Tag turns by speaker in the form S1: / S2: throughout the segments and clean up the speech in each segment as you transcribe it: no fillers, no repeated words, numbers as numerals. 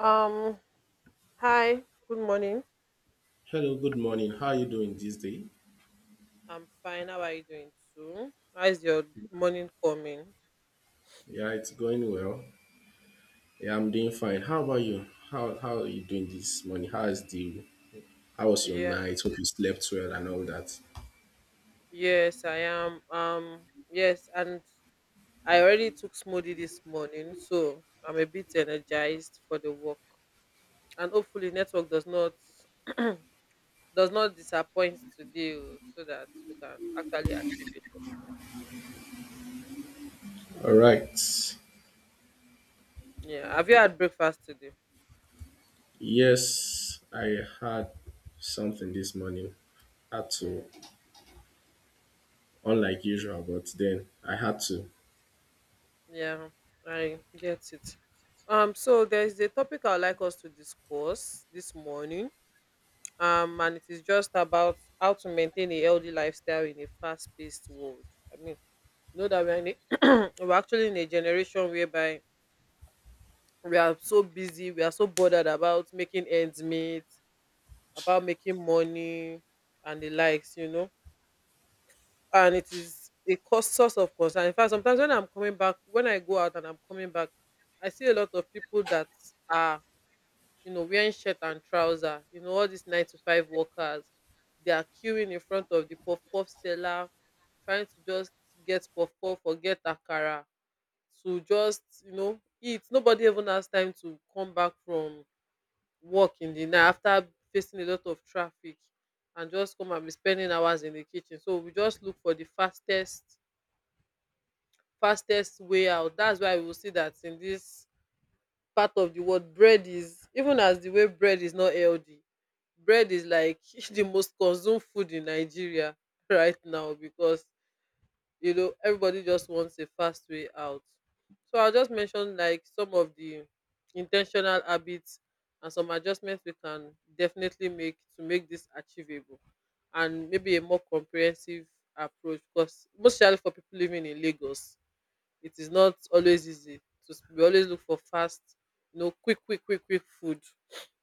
S1: Um, Hi, good morning.
S2: Hello, good morning. How are you doing this day?
S1: I'm fine. How are you doing too? How is your morning coming?
S2: Yeah, it's going well. Yeah, I'm doing fine. How about you? How are you doing this morning? How is the How was your
S1: Yeah,
S2: night? Hope you slept well and all that.
S1: yes, I am. Yes, and I already took smoothie this morning, so I'm a bit energized for the work. And hopefully network does not does not disappoint today oh, so that we can actually achieve it.
S2: All right.
S1: Yeah. Have you had breakfast today?
S2: Yes, I had something this morning. Had to,
S1: Hmm.
S2: unlike usual, but then I had to.
S1: Yeah, I get it. So there is a topic I'd like us to discuss this morning. And it is just about how to maintain a healthy lifestyle in a fast-paced world. I mean, you know that we're actually in a generation whereby we are so busy, we are so bothered about making ends meet, about making money and the likes, you know. And it is a cause source of concern. In fact, sometimes when I'm coming back, when I go out and I'm coming back, I see a lot of people that are you know, wearing shirt and trouser. You know, all these nine to five workers, they are queuing in front of the puff puff seller, trying to just get puff puff or get akara to just, you know, eat. Nobody even has time to come back from work in the night after facing a lot of traffic and just come and be spending hours in the kitchen. So we just look for the fastest way out. That's why we will see that in this part of the word, bread is, even as the way bread is not healthy, bread is like the most consumed food in Nigeria right now, because you know everybody just wants a fast way out. So I'll just mention like some of the intentional habits and some adjustments we can definitely make to make this achievable, and maybe a more comprehensive approach, because mostly for people living in Lagos it is not always easy to we always look for fast, you know, quick food.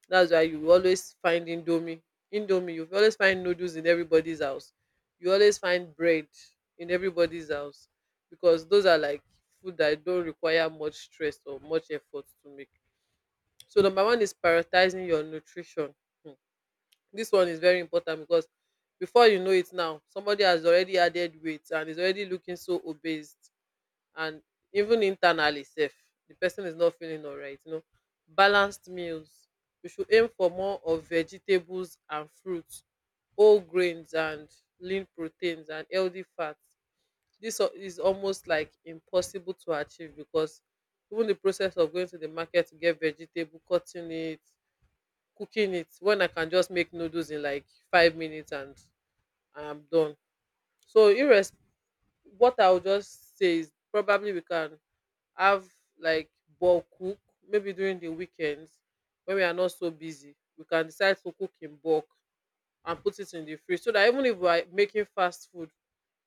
S1: That's why you always find indomie, you always find noodles in everybody's house, you always find bread in everybody's house, because those are like food that don't require much stress or much effort to make. So number one is prioritizing your nutrition. Hmm. This one is very important, because before you know it now somebody has already added weight and is already looking so obese, and even internally safe, the person is not feeling alright, you know. Balanced meals, we should aim for more of vegetables and fruits, whole grains and lean proteins and healthy fats. Is almost like impossible to achieve, because even the process of going to the market to get vegetable, cutting it, cooking it, when I can just make noodles in like 5 minutes and I'm done. So irres what I would just say is probably we can have, like, bulk cook, maybe during the weekends when we are not so busy we can decide to cook in bulk and put it in the fridge, so that even if we are making fast food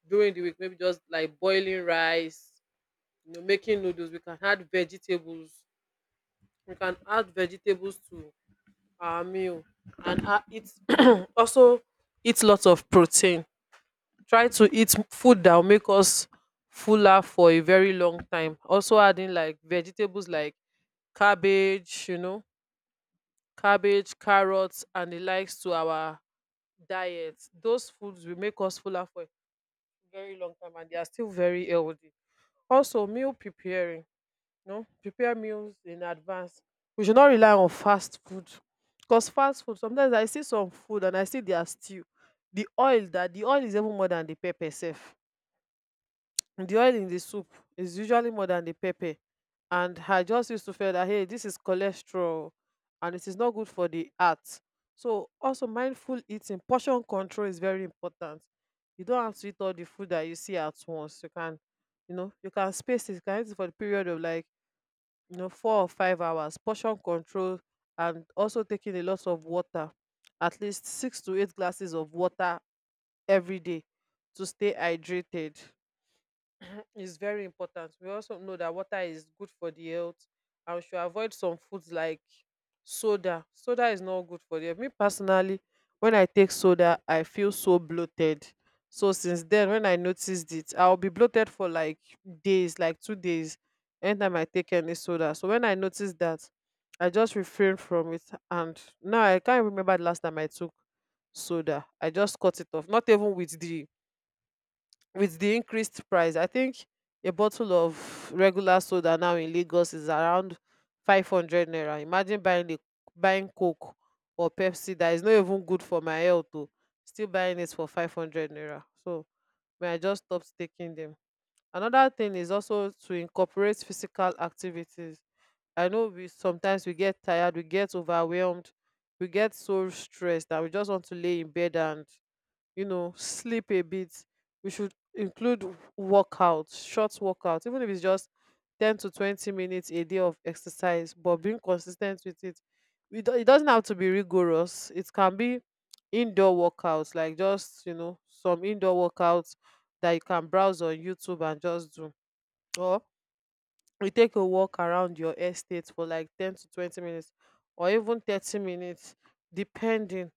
S1: during the week, maybe just like boiling rice, you know, making noodles, we can add vegetables, we can add vegetables to our meal and eat. Also eat lots of protein, try to eat food that will make us fuller for a very long time, also adding like vegetables like cabbage, you know, cabbage, carrots, and the likes to our diet. Those foods will make us fuller for a very long time and they are still very healthy. Also, meal preparing, you know, prepare meals in advance. We should not rely on fast food, because fast food, sometimes I see some food and I see their stew. The oil that the oil is even more than the pepper sef, the oil in the soup is usually more than the pepper. And I just used to feel that, hey, this is cholesterol and it is not good for the heart. So, also, mindful eating, portion control is very important. You don't have to eat all the food that you see at once. You can, you know, you can space it, you can eat it for the period of like, you know, 4 or 5 hours. Portion control, and also taking a lot of water, at least six to eight glasses of water every day to stay hydrated, is very important. We also know that water is good for the health, and we should avoid some foods like soda. Soda is not good for the health. Me personally, when I take soda, I feel so bloated. So since then, when I noticed it, I'll be bloated for like days, like 2 days, anytime I take any soda. So when I noticed that, I just refrained from it. And now I can't remember the last time I took soda. I just cut it off. Not even with the increased price. I think a bottle of regular soda now in Lagos is around 500 naira. Imagine buying the buying coke or pepsi that is not even good for my health o, still buying it for 500 naira. So may, I just stopped taking them. Another thing is also to incorporate physical activities. I know we sometimes we get tired, we get overwhelmed, we get so stressed that we just want to lay in bed and, you know, sleep a bit. We should include workout, short workout, even if it's just 10 to 20 minutes a day of exercise, but being consistent with it. It doesn't have to be rigorous, it can be indoor workouts, like, just, you know, some indoor workouts that you can browse on YouTube and just do. You take a walk around your estate for like 10 to 20 minutes or even 30 minutes, depending.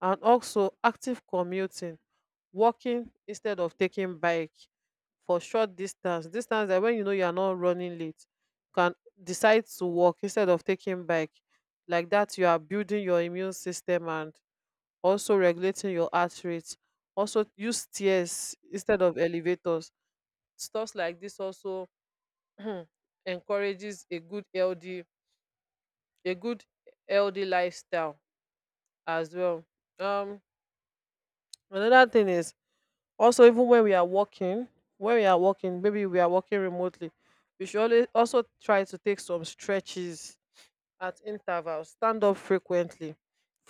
S1: And also active commuting, walking instead of taking bike for short distance, that when you know you are not running late, you can decide to walk instead of taking bike. Like that you are building your immune system and also regulating your heart rate. Also use stairs instead of elevators. Stuff like this also um encourages a good healthy, a good healthy lifestyle as well. Um another thing is, also, even when we are working, when we are working, maybe we are working remotely, we should always also try to take some stretches at intervals, stand up frequently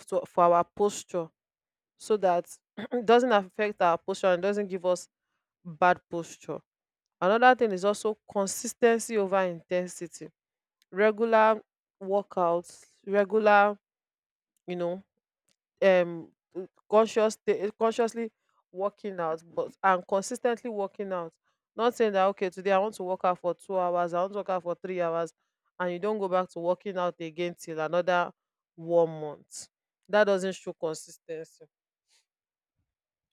S1: to, for our posture, so that it doesn't affect our posture and doesn't give us bad posture. Another thing is also consistency over intensity. Regular workouts, regular, you know, um conscious, consciously working out, but and consistently working out. Not saying that okay, today I want to work out for 2 hours, I want to work out for 3 hours, and you don't go back to working out again till another 1 month. That doesn't show consistency.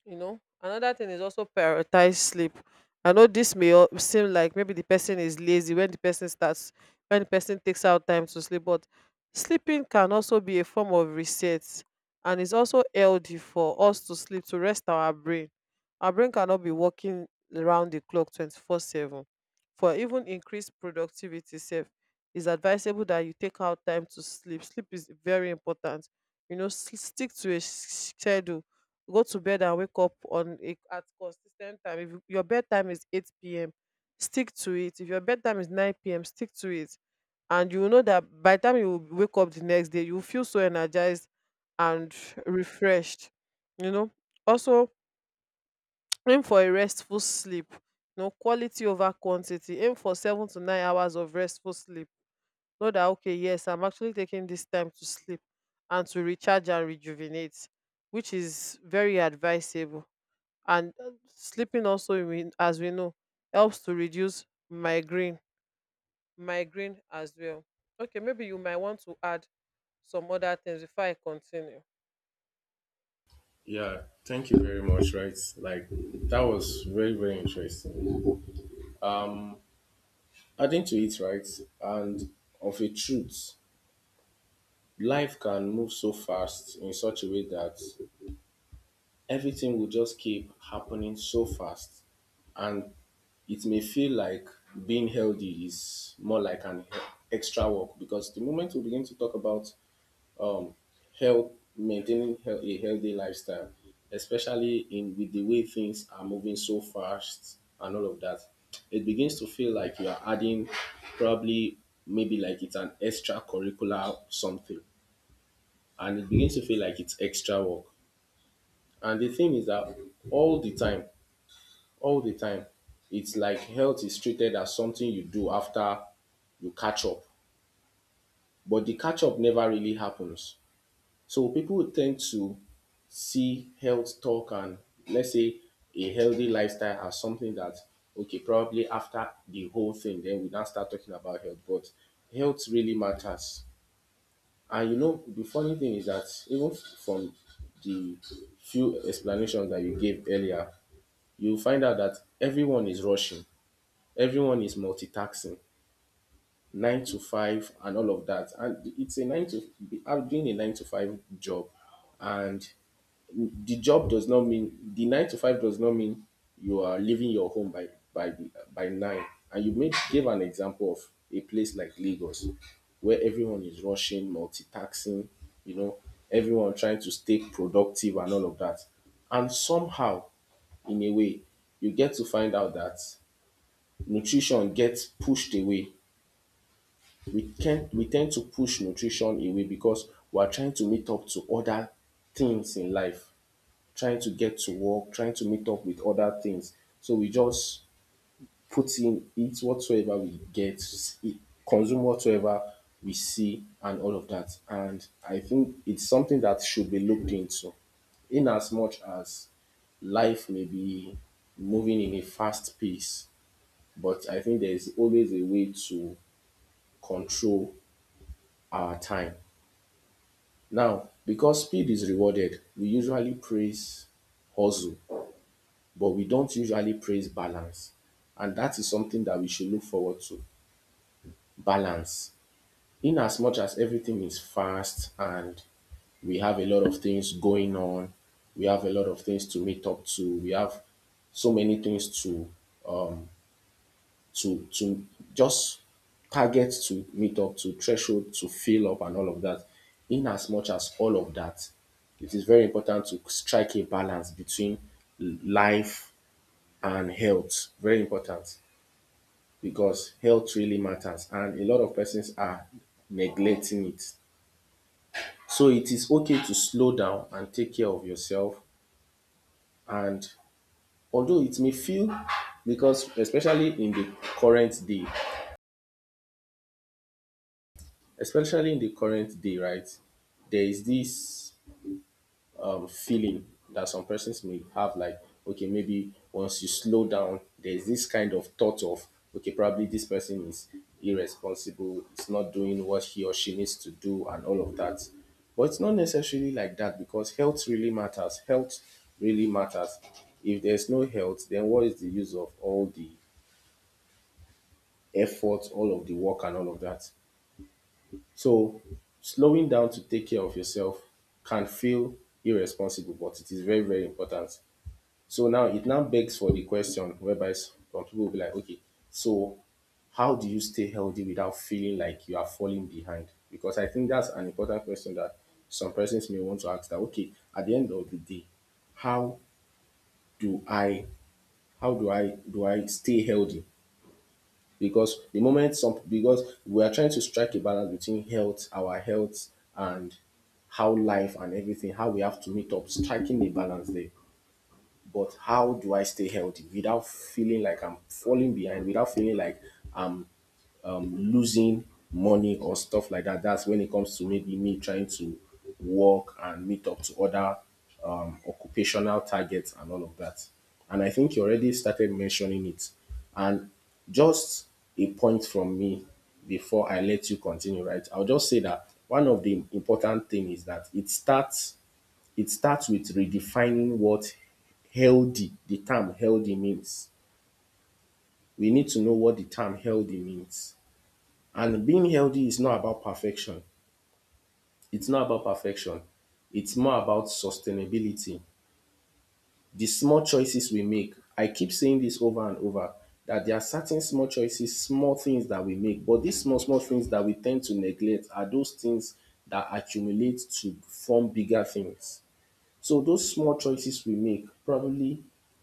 S1: You know, another thing is also prioritize sleep. I know this seem like maybe the person is lazy when the person starts, when the person takes out time to sleep, but sleeping can also be a form of reset, and it's also healthy for us to sleep, to rest our brain. Our brain cannot be working around the clock 24/7. For even increased productivity self, it's advisable that you take out time to sleep. Sleep is very important. You know, stick to a schedule. Go to bed and wake up on a at consistent time. If your bedtime is 8 p.m., stick to it. If your bedtime is 9 p.m., stick to it, and you will know that by the time you wake up the next day you will feel so energized and refreshed. You know, also aim for a restful sleep. You know, quality over quantity, aim for 7 to 9 hours of restful sleep. Know that okay, yes, I'm actually taking this time to sleep and to recharge and rejuvenate, which is very advisable. And sleeping also, as we know, helps to reduce migraine, migraine as well. Okay, maybe you might want to add some other things before I continue.
S2: Yeah, thank you very much, right? Like that was very, very interesting. Um Adding to it, right, and of a truth, life can move so fast in such a way that everything will just keep happening so fast, and it may feel like being healthy is more like an extra work because the moment we begin to talk about um health, maintaining a healthy lifestyle, especially in with the way things are moving so fast and all of that, it begins to feel like you are adding probably, maybe like it's an extra curricular something, and it begins to feel like it's extra work. And the thing is that all the time, all the time, it's like health is treated as something you do after you catch up, but the catch up never really happens. So people tend to see health talk and, let's say, a healthy lifestyle as something that, okay, probably after the whole thing, then we now start talking about health. But health really matters. And you know, the funny thing is that even from the few explanations that you gave earlier, you find out that everyone is rushing, everyone is multitasking, nine to five, and all of that. And it's a nine to, I'm doing a nine to five job, and the job does not mean, the nine to five does not mean you are leaving your home by by by nine. And you made gave an example of a place like Lagos, where everyone is rushing, multitasking, you know, everyone trying to stay productive and all of that. And somehow, in a way, you get to find out that nutrition gets pushed away. We tend to push nutrition away because we are trying to meet up to other things in life, trying to get to work, trying to meet up with other things. So we just put in, eat whatsoever we get, eat, consume whatsoever we see, and all of that. And I think it's something that should be looked into. In as much as life may be moving in a fast pace, but I think there is always a way to control our time. Now, because speed is rewarded, we usually praise hustle but we don't usually praise balance. And that is something that we should look forward to. Balance. In as much as everything is fast and we have a lot of things going on, we have a lot of things to meet up to, we have so many things to to to just target to meet up to, threshold to fill up and all of that. In as much as all of that, it is very important to strike a balance between life and health. Very important. Because health really matters and a lot of persons are neglecting it. So it is okay to slow down and take care of yourself. And although it may feel, because especially in the current day, especially in the current day, right, there is this feeling that some persons may have, like, okay, maybe once you slow down, there's this kind of thought of, okay, probably this person is irresponsible, it's not doing what he or she needs to do and all of that. But it's not necessarily like that, because health really matters, health really matters. If there's no health, then what is the use of all the effort, all of the work, and all of that? So slowing down to take care of yourself can feel irresponsible, but it is very, very important. So now it now begs for the question, whereby some people will be like, okay, so how do you stay healthy without feeling like you are falling behind? Because I think that's an important question that some persons may want to ask, that, okay, at the end of the day, how do I, how do I stay healthy? Because the moment some, because we are trying to strike a balance between health, our health, and how life and everything, how we have to meet up, striking a balance there. But how do I stay healthy without feeling like I'm falling behind, without feeling like losing money or stuff like that? That's when it comes to maybe me trying to work and meet up to other occupational targets and all of that. And I think you already started mentioning it. And just a point from me before I let you continue, right? I'll just say that one of the important things is that it starts, it starts with redefining what healthy, the term healthy means. We need to know what the term healthy means. And being healthy is not about perfection. It's not about perfection. It's more about sustainability. The small choices we make, I keep saying this over and over, that there are certain small choices, small things that we make, but these small, small things that we tend to neglect are those things that accumulate to form bigger things. So those small choices we make, probably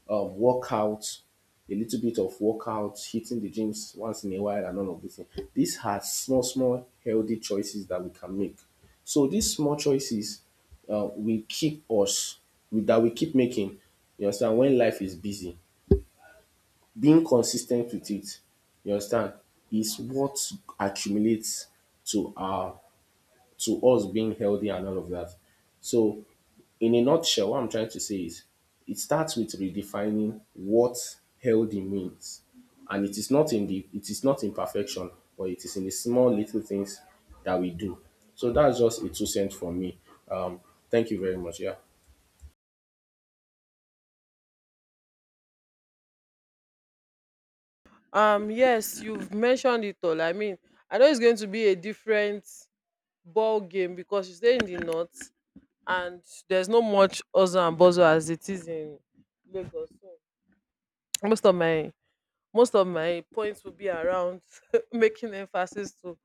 S2: workout, a little bit of workout, hitting the gyms once in a while, and all of these things. These are small, small healthy choices that we can make. So these small choices will keep us, that we keep making. You understand? When life is busy, being consistent with it, you understand, is what accumulates to our, to us being healthy and all of that. So in a nutshell, what I'm trying to say is it starts with redefining what healthy means. And it is not in the, it is not in perfection, but it is in the small little things that we do. So that's just a two-cent from me. Um, thank you very much. Yeah.
S1: yes, you've mentioned it all. I mean, I know it's going to be a different ball game because you stay in the north, and there's no much hustle and bustle as it is in Lagos. So most of my most of my points will be around making emphasis to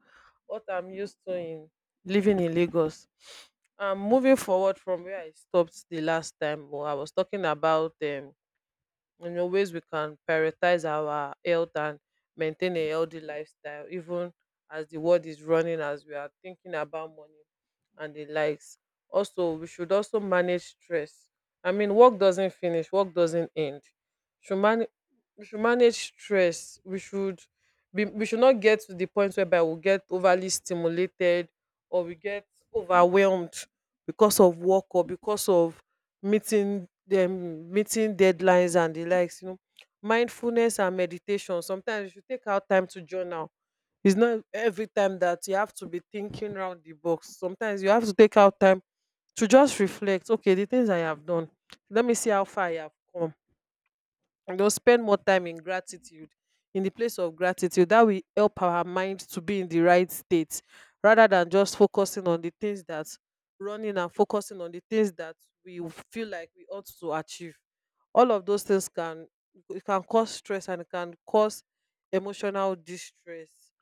S1: what I'm used to in living in Lagos. Moving forward from where I stopped the last time, well, I was talking about in a ways we can prioritize our health and maintain a healthy lifestyle even as the world is running, as we are thinking about money and the likes. Also, we should also manage stress. I mean, work doesn't finish, work doesn't end. should man- we should manage stress. We should be, we should not get to the point whereby we get overly stimulated or we get overwhelmed because of work or because of meeting deadlines and the likes, you know, mindfulness and meditation. Sometimes you should take out time to journal. It's not every time that you have to be thinking round the box. Sometimes you have to take out time to just reflect, okay, the things I have done, let me see how far I have come, and they'll spend more time in gratitude, in the place of gratitude. That will help our mind to be in the right state rather than just focusing on the things that running and focusing on the things that we feel like we ought to achieve. All of those things can, it can cause stress and it can cause emotional distress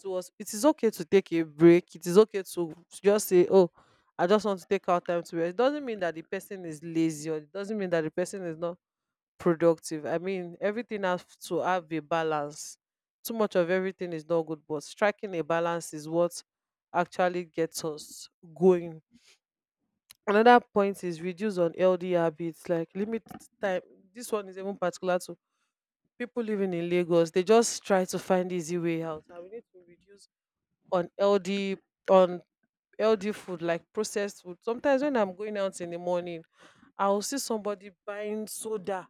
S1: to us. It is okay to take a break. It is okay to just say, oh, I just want to take out time to rest. It doesn't mean that the person is lazy or it doesn't mean that the person is not productive. I mean, everything has to have a balance. Too much of everything is not good, but striking a balance is what actually gets us going. Another point is reduce unhealthy habits, like limit time. This one is even particular to people living in Lagos. They just try to find easy way out, and we need to reduce unhealthy, unhealthy food like processed food. Sometimes when I'm going out in the morning, I will see somebody buying soda,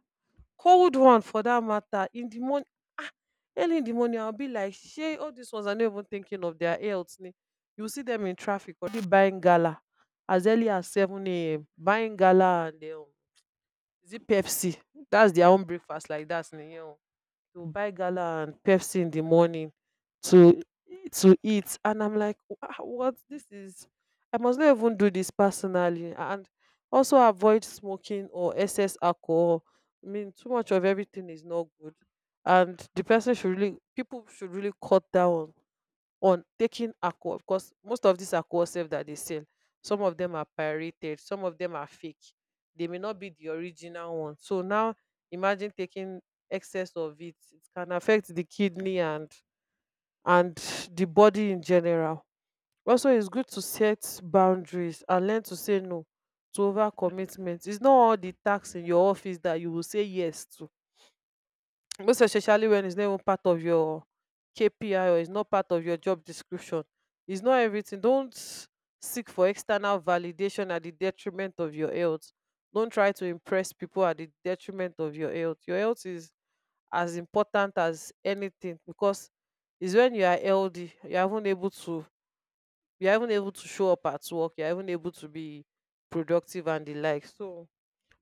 S1: cold one for that matter, in the morning. Early in the morning, I'll be like, Shay, all these ones are not even thinking of their health ni. You will see them in traffic already buying gala as early as 7 a.m. Buying gala and is it Pepsi? That's their own breakfast, like that ni. We'll buy gala and Pepsi in the morning to to eat. And I'm like, What this is? I must not even do this personally." And also avoid smoking or excess alcohol. I mean, too much of everything is not good. And the person should really, people should really cut down on taking alcohol, because most of this alcohol sef that they sell, some of them are pirated, some of them are fake, they may not be the original one. So now imagine taking excess of it, it can affect the kidney and and the body in general. Also, it's good to set boundaries and learn to say no to overcommitment. It's not all the tasks in your office that you will say yes to, most especially when it's not even part of your KPI or it's not part of your job description. It's not everything. Don't seek for external validation at the detriment of your health. Don't try to impress people at the detriment of your health. Your health is as important as anything, because it's when you are healthy, you are even able to, you are even able to show up at work, you are even able to be productive and the like. So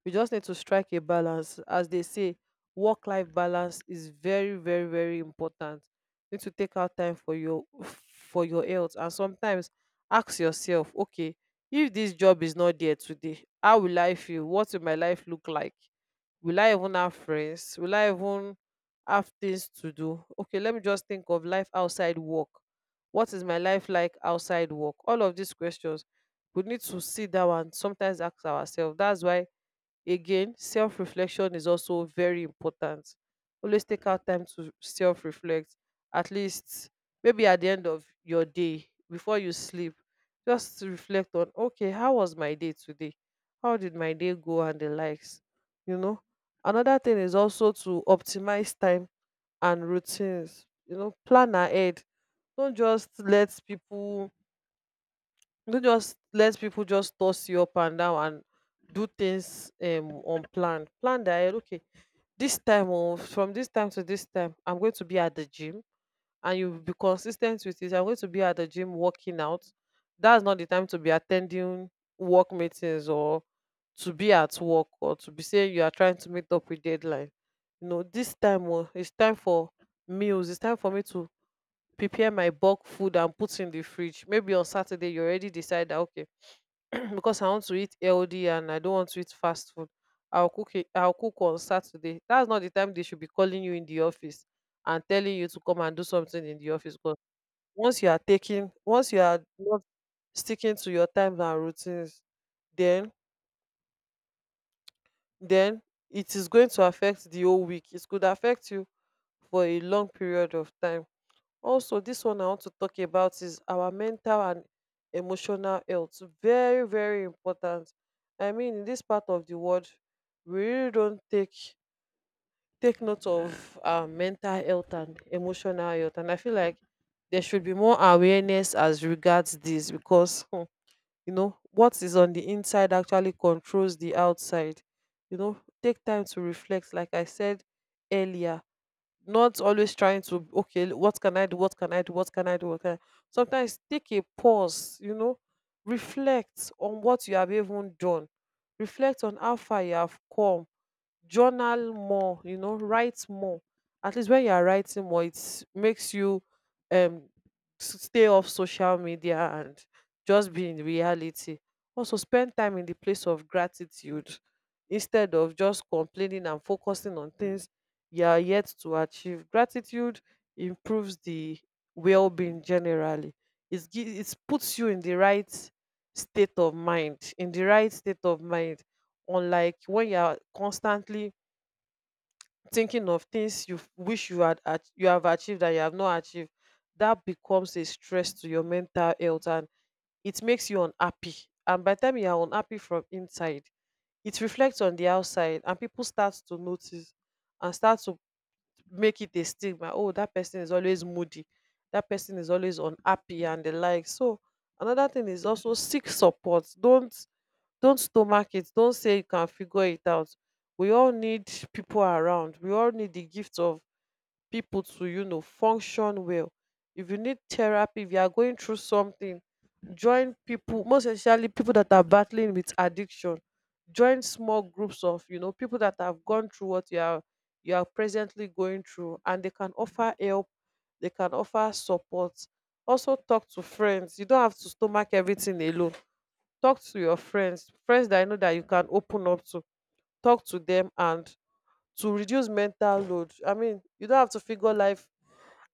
S1: we just need to strike a balance. As they say, work life balance is very, very, very important. You need to take out time for your health, and sometimes ask yourself, okay, if this job is not there today, how will I feel? What will my life look like? Will I even have friends? Will I even have things to do? Okay, let me just think of life outside work. What is my life like outside work? All of these questions we need to sit down and sometimes ask ourselves. That's why, again, self reflection is also very important. Always take out time to self reflect, at least maybe at the end of your day, before you sleep, just to reflect on, okay, how was my day today? How did my day go and the likes? You know, another thing is also to optimize time and routines. You know, plan ahead. Don't just let people don't just let people just toss you up and down and do things unplanned. Plan that, eh, okay, this time of from this time to this time, I'm going to be at the gym and you be consistent with it. I'm going to be at the gym working out. That's not the time to be attending work meetings or to be at work or to be saying you are trying to meet up with deadline. You know, this time oh, it's time for meals, it's time for me to prepare my bulk food and put in the fridge. Maybe on Saturday you already decide that, okay, because I want to eat healthy and I don't want to eat fast food, I'll cook it, I'll cook on Saturday. That's not the time they should be calling you in the office and telling you to come and do something in the office. Because once you are not sticking to your times and routines, then then it is going to affect the whole week. It could affect you for a long period of time. Also, this one I want to talk about is our mental and emotional health. Very, very important. I mean, in this part of the world, we really don't take note of our mental health and emotional health. And I feel like there should be more awareness as regards this, because hmm, you know what is on the inside actually controls the outside. You know, take time to reflect, like I said earlier, not always trying to, okay, what can I do, what can I do, what can I do, what can I? Sometimes take a pause, you know, reflect on what you have even done, reflect on how far you have come. Journal more, you know, write more. At least when you are writing more, it makes you um stay off social media and just be in reality. Also spend time in the place of gratitude instead of just complaining and focusing on things you are yet to achieve. Gratitude improves the well-being generally. It puts you in the right state of mind, in the right state of mind, unlike when you are constantly thinking of things you wish you had you have achieved, that you have not achieved. That becomes a stress to your mental health, and it makes you unhappy. And by the time you are unhappy from inside, it reflects on the outside, and people start to notice and start to make it a stigma, oh that person is always moody, that person is always unhappy and the like. So another thing is also seek support. Don't stomach it. Don't say you can figure it out. We all need people around. We all need the gift of people to, you know, function well. If you need therapy, if you are going through something, join people, most especially people that are battling with addiction. Join small groups of, you know, people that have gone through what you are presently going through, and they can offer help, they can offer support. Also talk to friends. You don't have to stomach everything alone. Talk to your friends, friends that you know that you can open up to. Talk to them and to reduce mental load. I mean, you don't have to figure life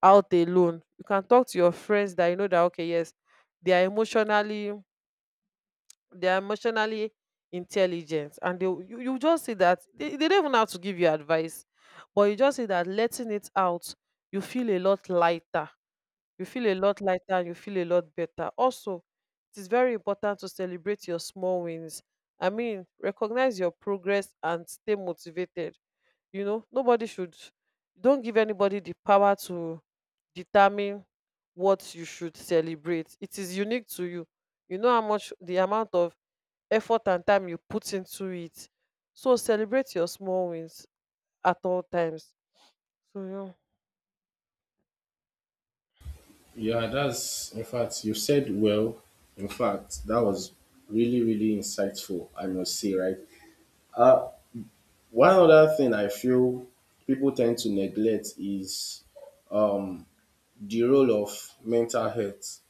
S1: out alone. You can talk to your friends that you know that, okay, yes, they are emotionally they are emotionally intelligent, and you just see that they don't even have to give you advice, but you just see that letting it out, you feel a lot lighter, you feel a lot better. Also, it is very important to celebrate your small wins. I mean, recognize your progress and stay motivated. You know, don't give anybody the power to determine what you should celebrate. It is unique to you. You know how much the amount of effort and time you put into it. So celebrate your small wins at all times. So, yeah.
S2: Yeah, that's, in fact, you said well. In fact, that was really, really insightful. I must say, right? Uh, one other thing I feel people tend to neglect is um the role of mental health.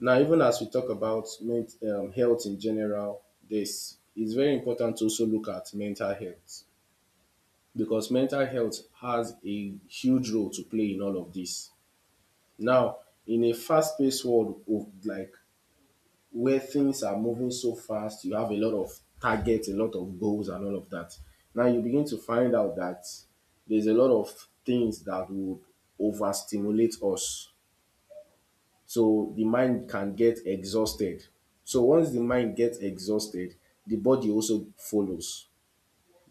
S2: Now, even as we talk about health in general, this it's very important to also look at mental health, because mental health has a huge role to play in all of this. Now, in a fast-paced world of, like, where things are moving so fast, you have a lot of targets, a lot of goals, and all of that. Now you begin to find out that there's a lot of things that would overstimulate us. So the mind can get exhausted. So once the mind gets exhausted, the body also follows.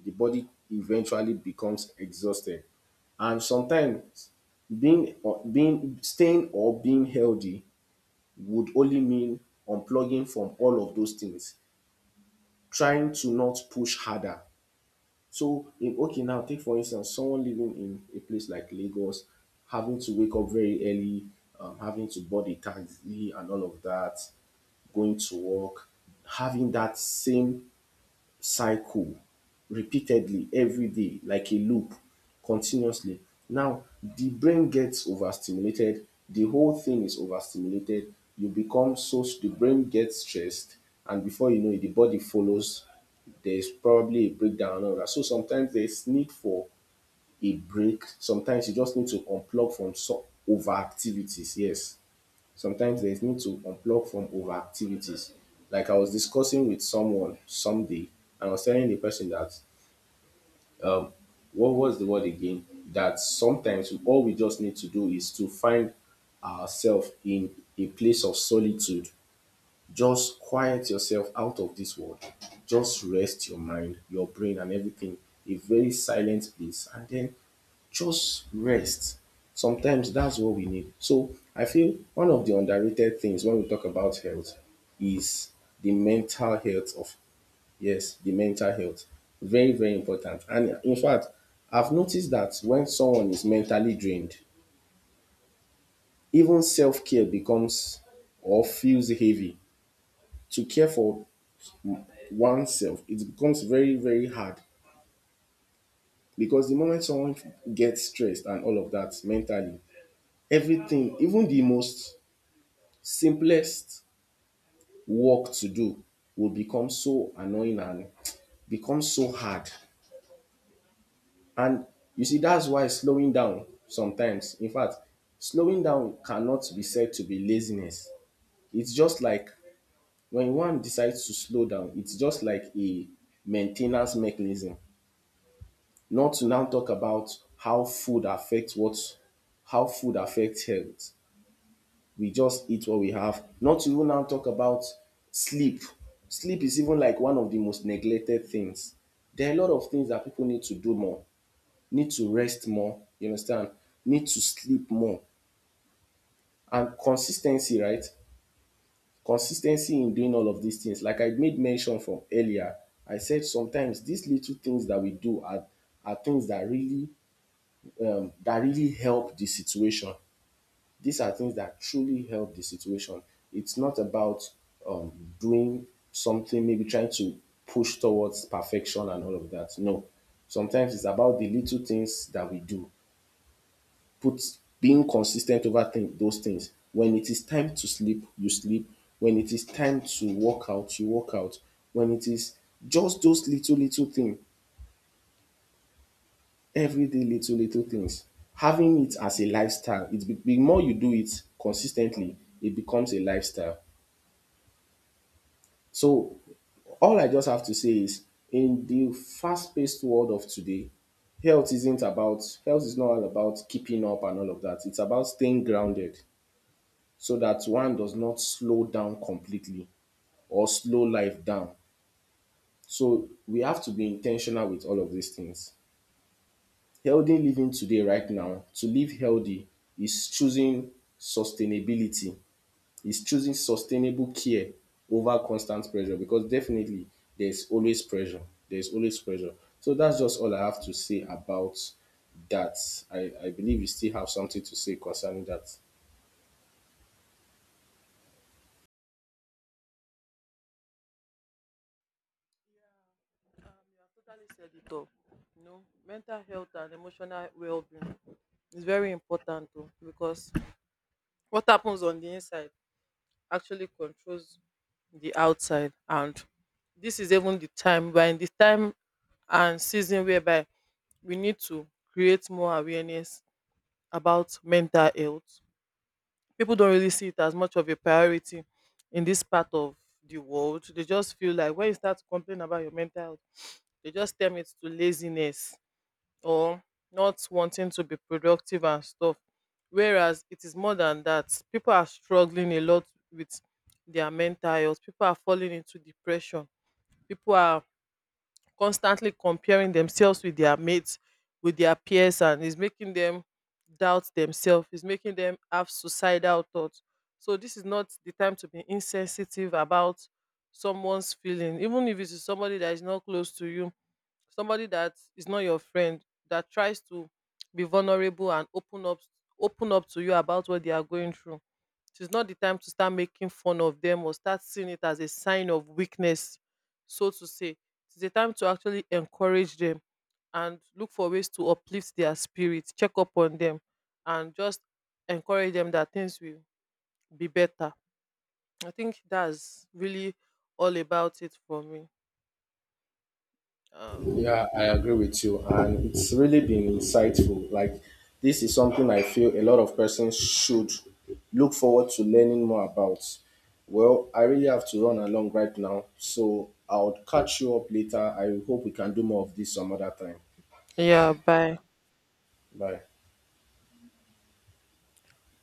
S2: The body eventually becomes exhausted. And sometimes being or being, staying or being healthy would only mean unplugging from all of those things, trying to not push harder. So in, okay, now take for instance someone living in a place like Lagos, having to wake up very early, having to board a taxi and all of that, going to work, having that same cycle repeatedly every day, like a loop, continuously. Now, the brain gets overstimulated, the whole thing is overstimulated. You become so, the brain gets stressed, and before you know it, the body follows. There's probably a breakdown and that. So sometimes there's need for a break. Sometimes you just need to unplug from so, over activities. Yes, sometimes there's need to unplug from over activities. Like I was discussing with someone someday, and I was telling the person that um what was the word again? That sometimes all we just need to do is to find ourselves in a place of solitude. Just quiet yourself out of this world. Just rest your mind, your brain, and everything. A very silent place. And then just rest. Sometimes that's what we need. So I feel one of the underrated things when we talk about health is the mental health of, yes, the mental health. Very, very important. And in fact, I've noticed that when someone is mentally drained, even self-care becomes or feels heavy. To care for oneself, it becomes very, very hard, because the moment someone gets stressed and all of that mentally, everything, even the most simplest work to do, will become so annoying and become so hard. And you see, that's why slowing down sometimes, in fact, slowing down cannot be said to be laziness. It's just like when one decides to slow down, it's just like a maintenance mechanism. Not to now talk about how food affects what, how food affects health. We just eat what we have. Not to even now talk about sleep. Sleep is even like one of the most neglected things. There are a lot of things that people need to do more, need to rest more, you understand, need to sleep more, and consistency, right. Consistency in doing all of these things. Like I made mention from earlier, I said sometimes these little things that we do are things that really that really help the situation. These are things that truly help the situation. It's not about um, doing something, maybe trying to push towards perfection and all of that. No. Sometimes it's about the little things that we do. Put being consistent over thing, those things. When it is time to sleep, you sleep. When it is time to work out, you work out. When it is just those little little things, everyday little little things. Having it as a lifestyle. It be, the more you do it consistently, it becomes a lifestyle. So all I just have to say is, in the fast paced world of today, health isn't about, health is not all about keeping up and all of that. It's about staying grounded so that one does not slow down completely or slow life down. So we have to be intentional with all of these things. Healthy living today, right now, to live healthy is choosing sustainability, is choosing sustainable care over constant pressure, because definitely there's always pressure. There's always pressure. So that's just all I have to say about that. I believe you still have something to say concerning that.
S1: So, you know, mental health and emotional well being, it's very important too, because what happens on the inside actually controls the outside. And this is even the time, we're in the time and season whereby we need to create more awareness about mental health. People don't really see it as much of a priority in this part of the world. They just feel like when you start to complain about your mental health, they just term it to laziness or not wanting to be productive and stuff. Whereas it is more than that. People are struggling a lot with their mental health. People are falling into depression. People are constantly comparing themselves with their mates, with their peers, and it's making them doubt themselves. It's making them have suicidal thoughts. So this is not the time to be insensitive about someone's feeling. Even if it is somebody that is not close to you, somebody that is not your friend, that tries to be vulnerable and open up to you about what they are going through, it is not the time to start making fun of them or start seeing it as a sign of weakness, so to say. It is a time to actually encourage them and look for ways to uplift their spirits, check up on them, and just encourage them that things will be better. I think that's really all about it for me. um,
S2: Yeah, I agree with you. And it's really been insightful. Like, this is something I feel a lot of persons should look forward to learning more about. Well, I really have to run along right now. So I'll catch you up later. I hope we can do more of this some other time.
S1: yeah, bye.
S2: Bye.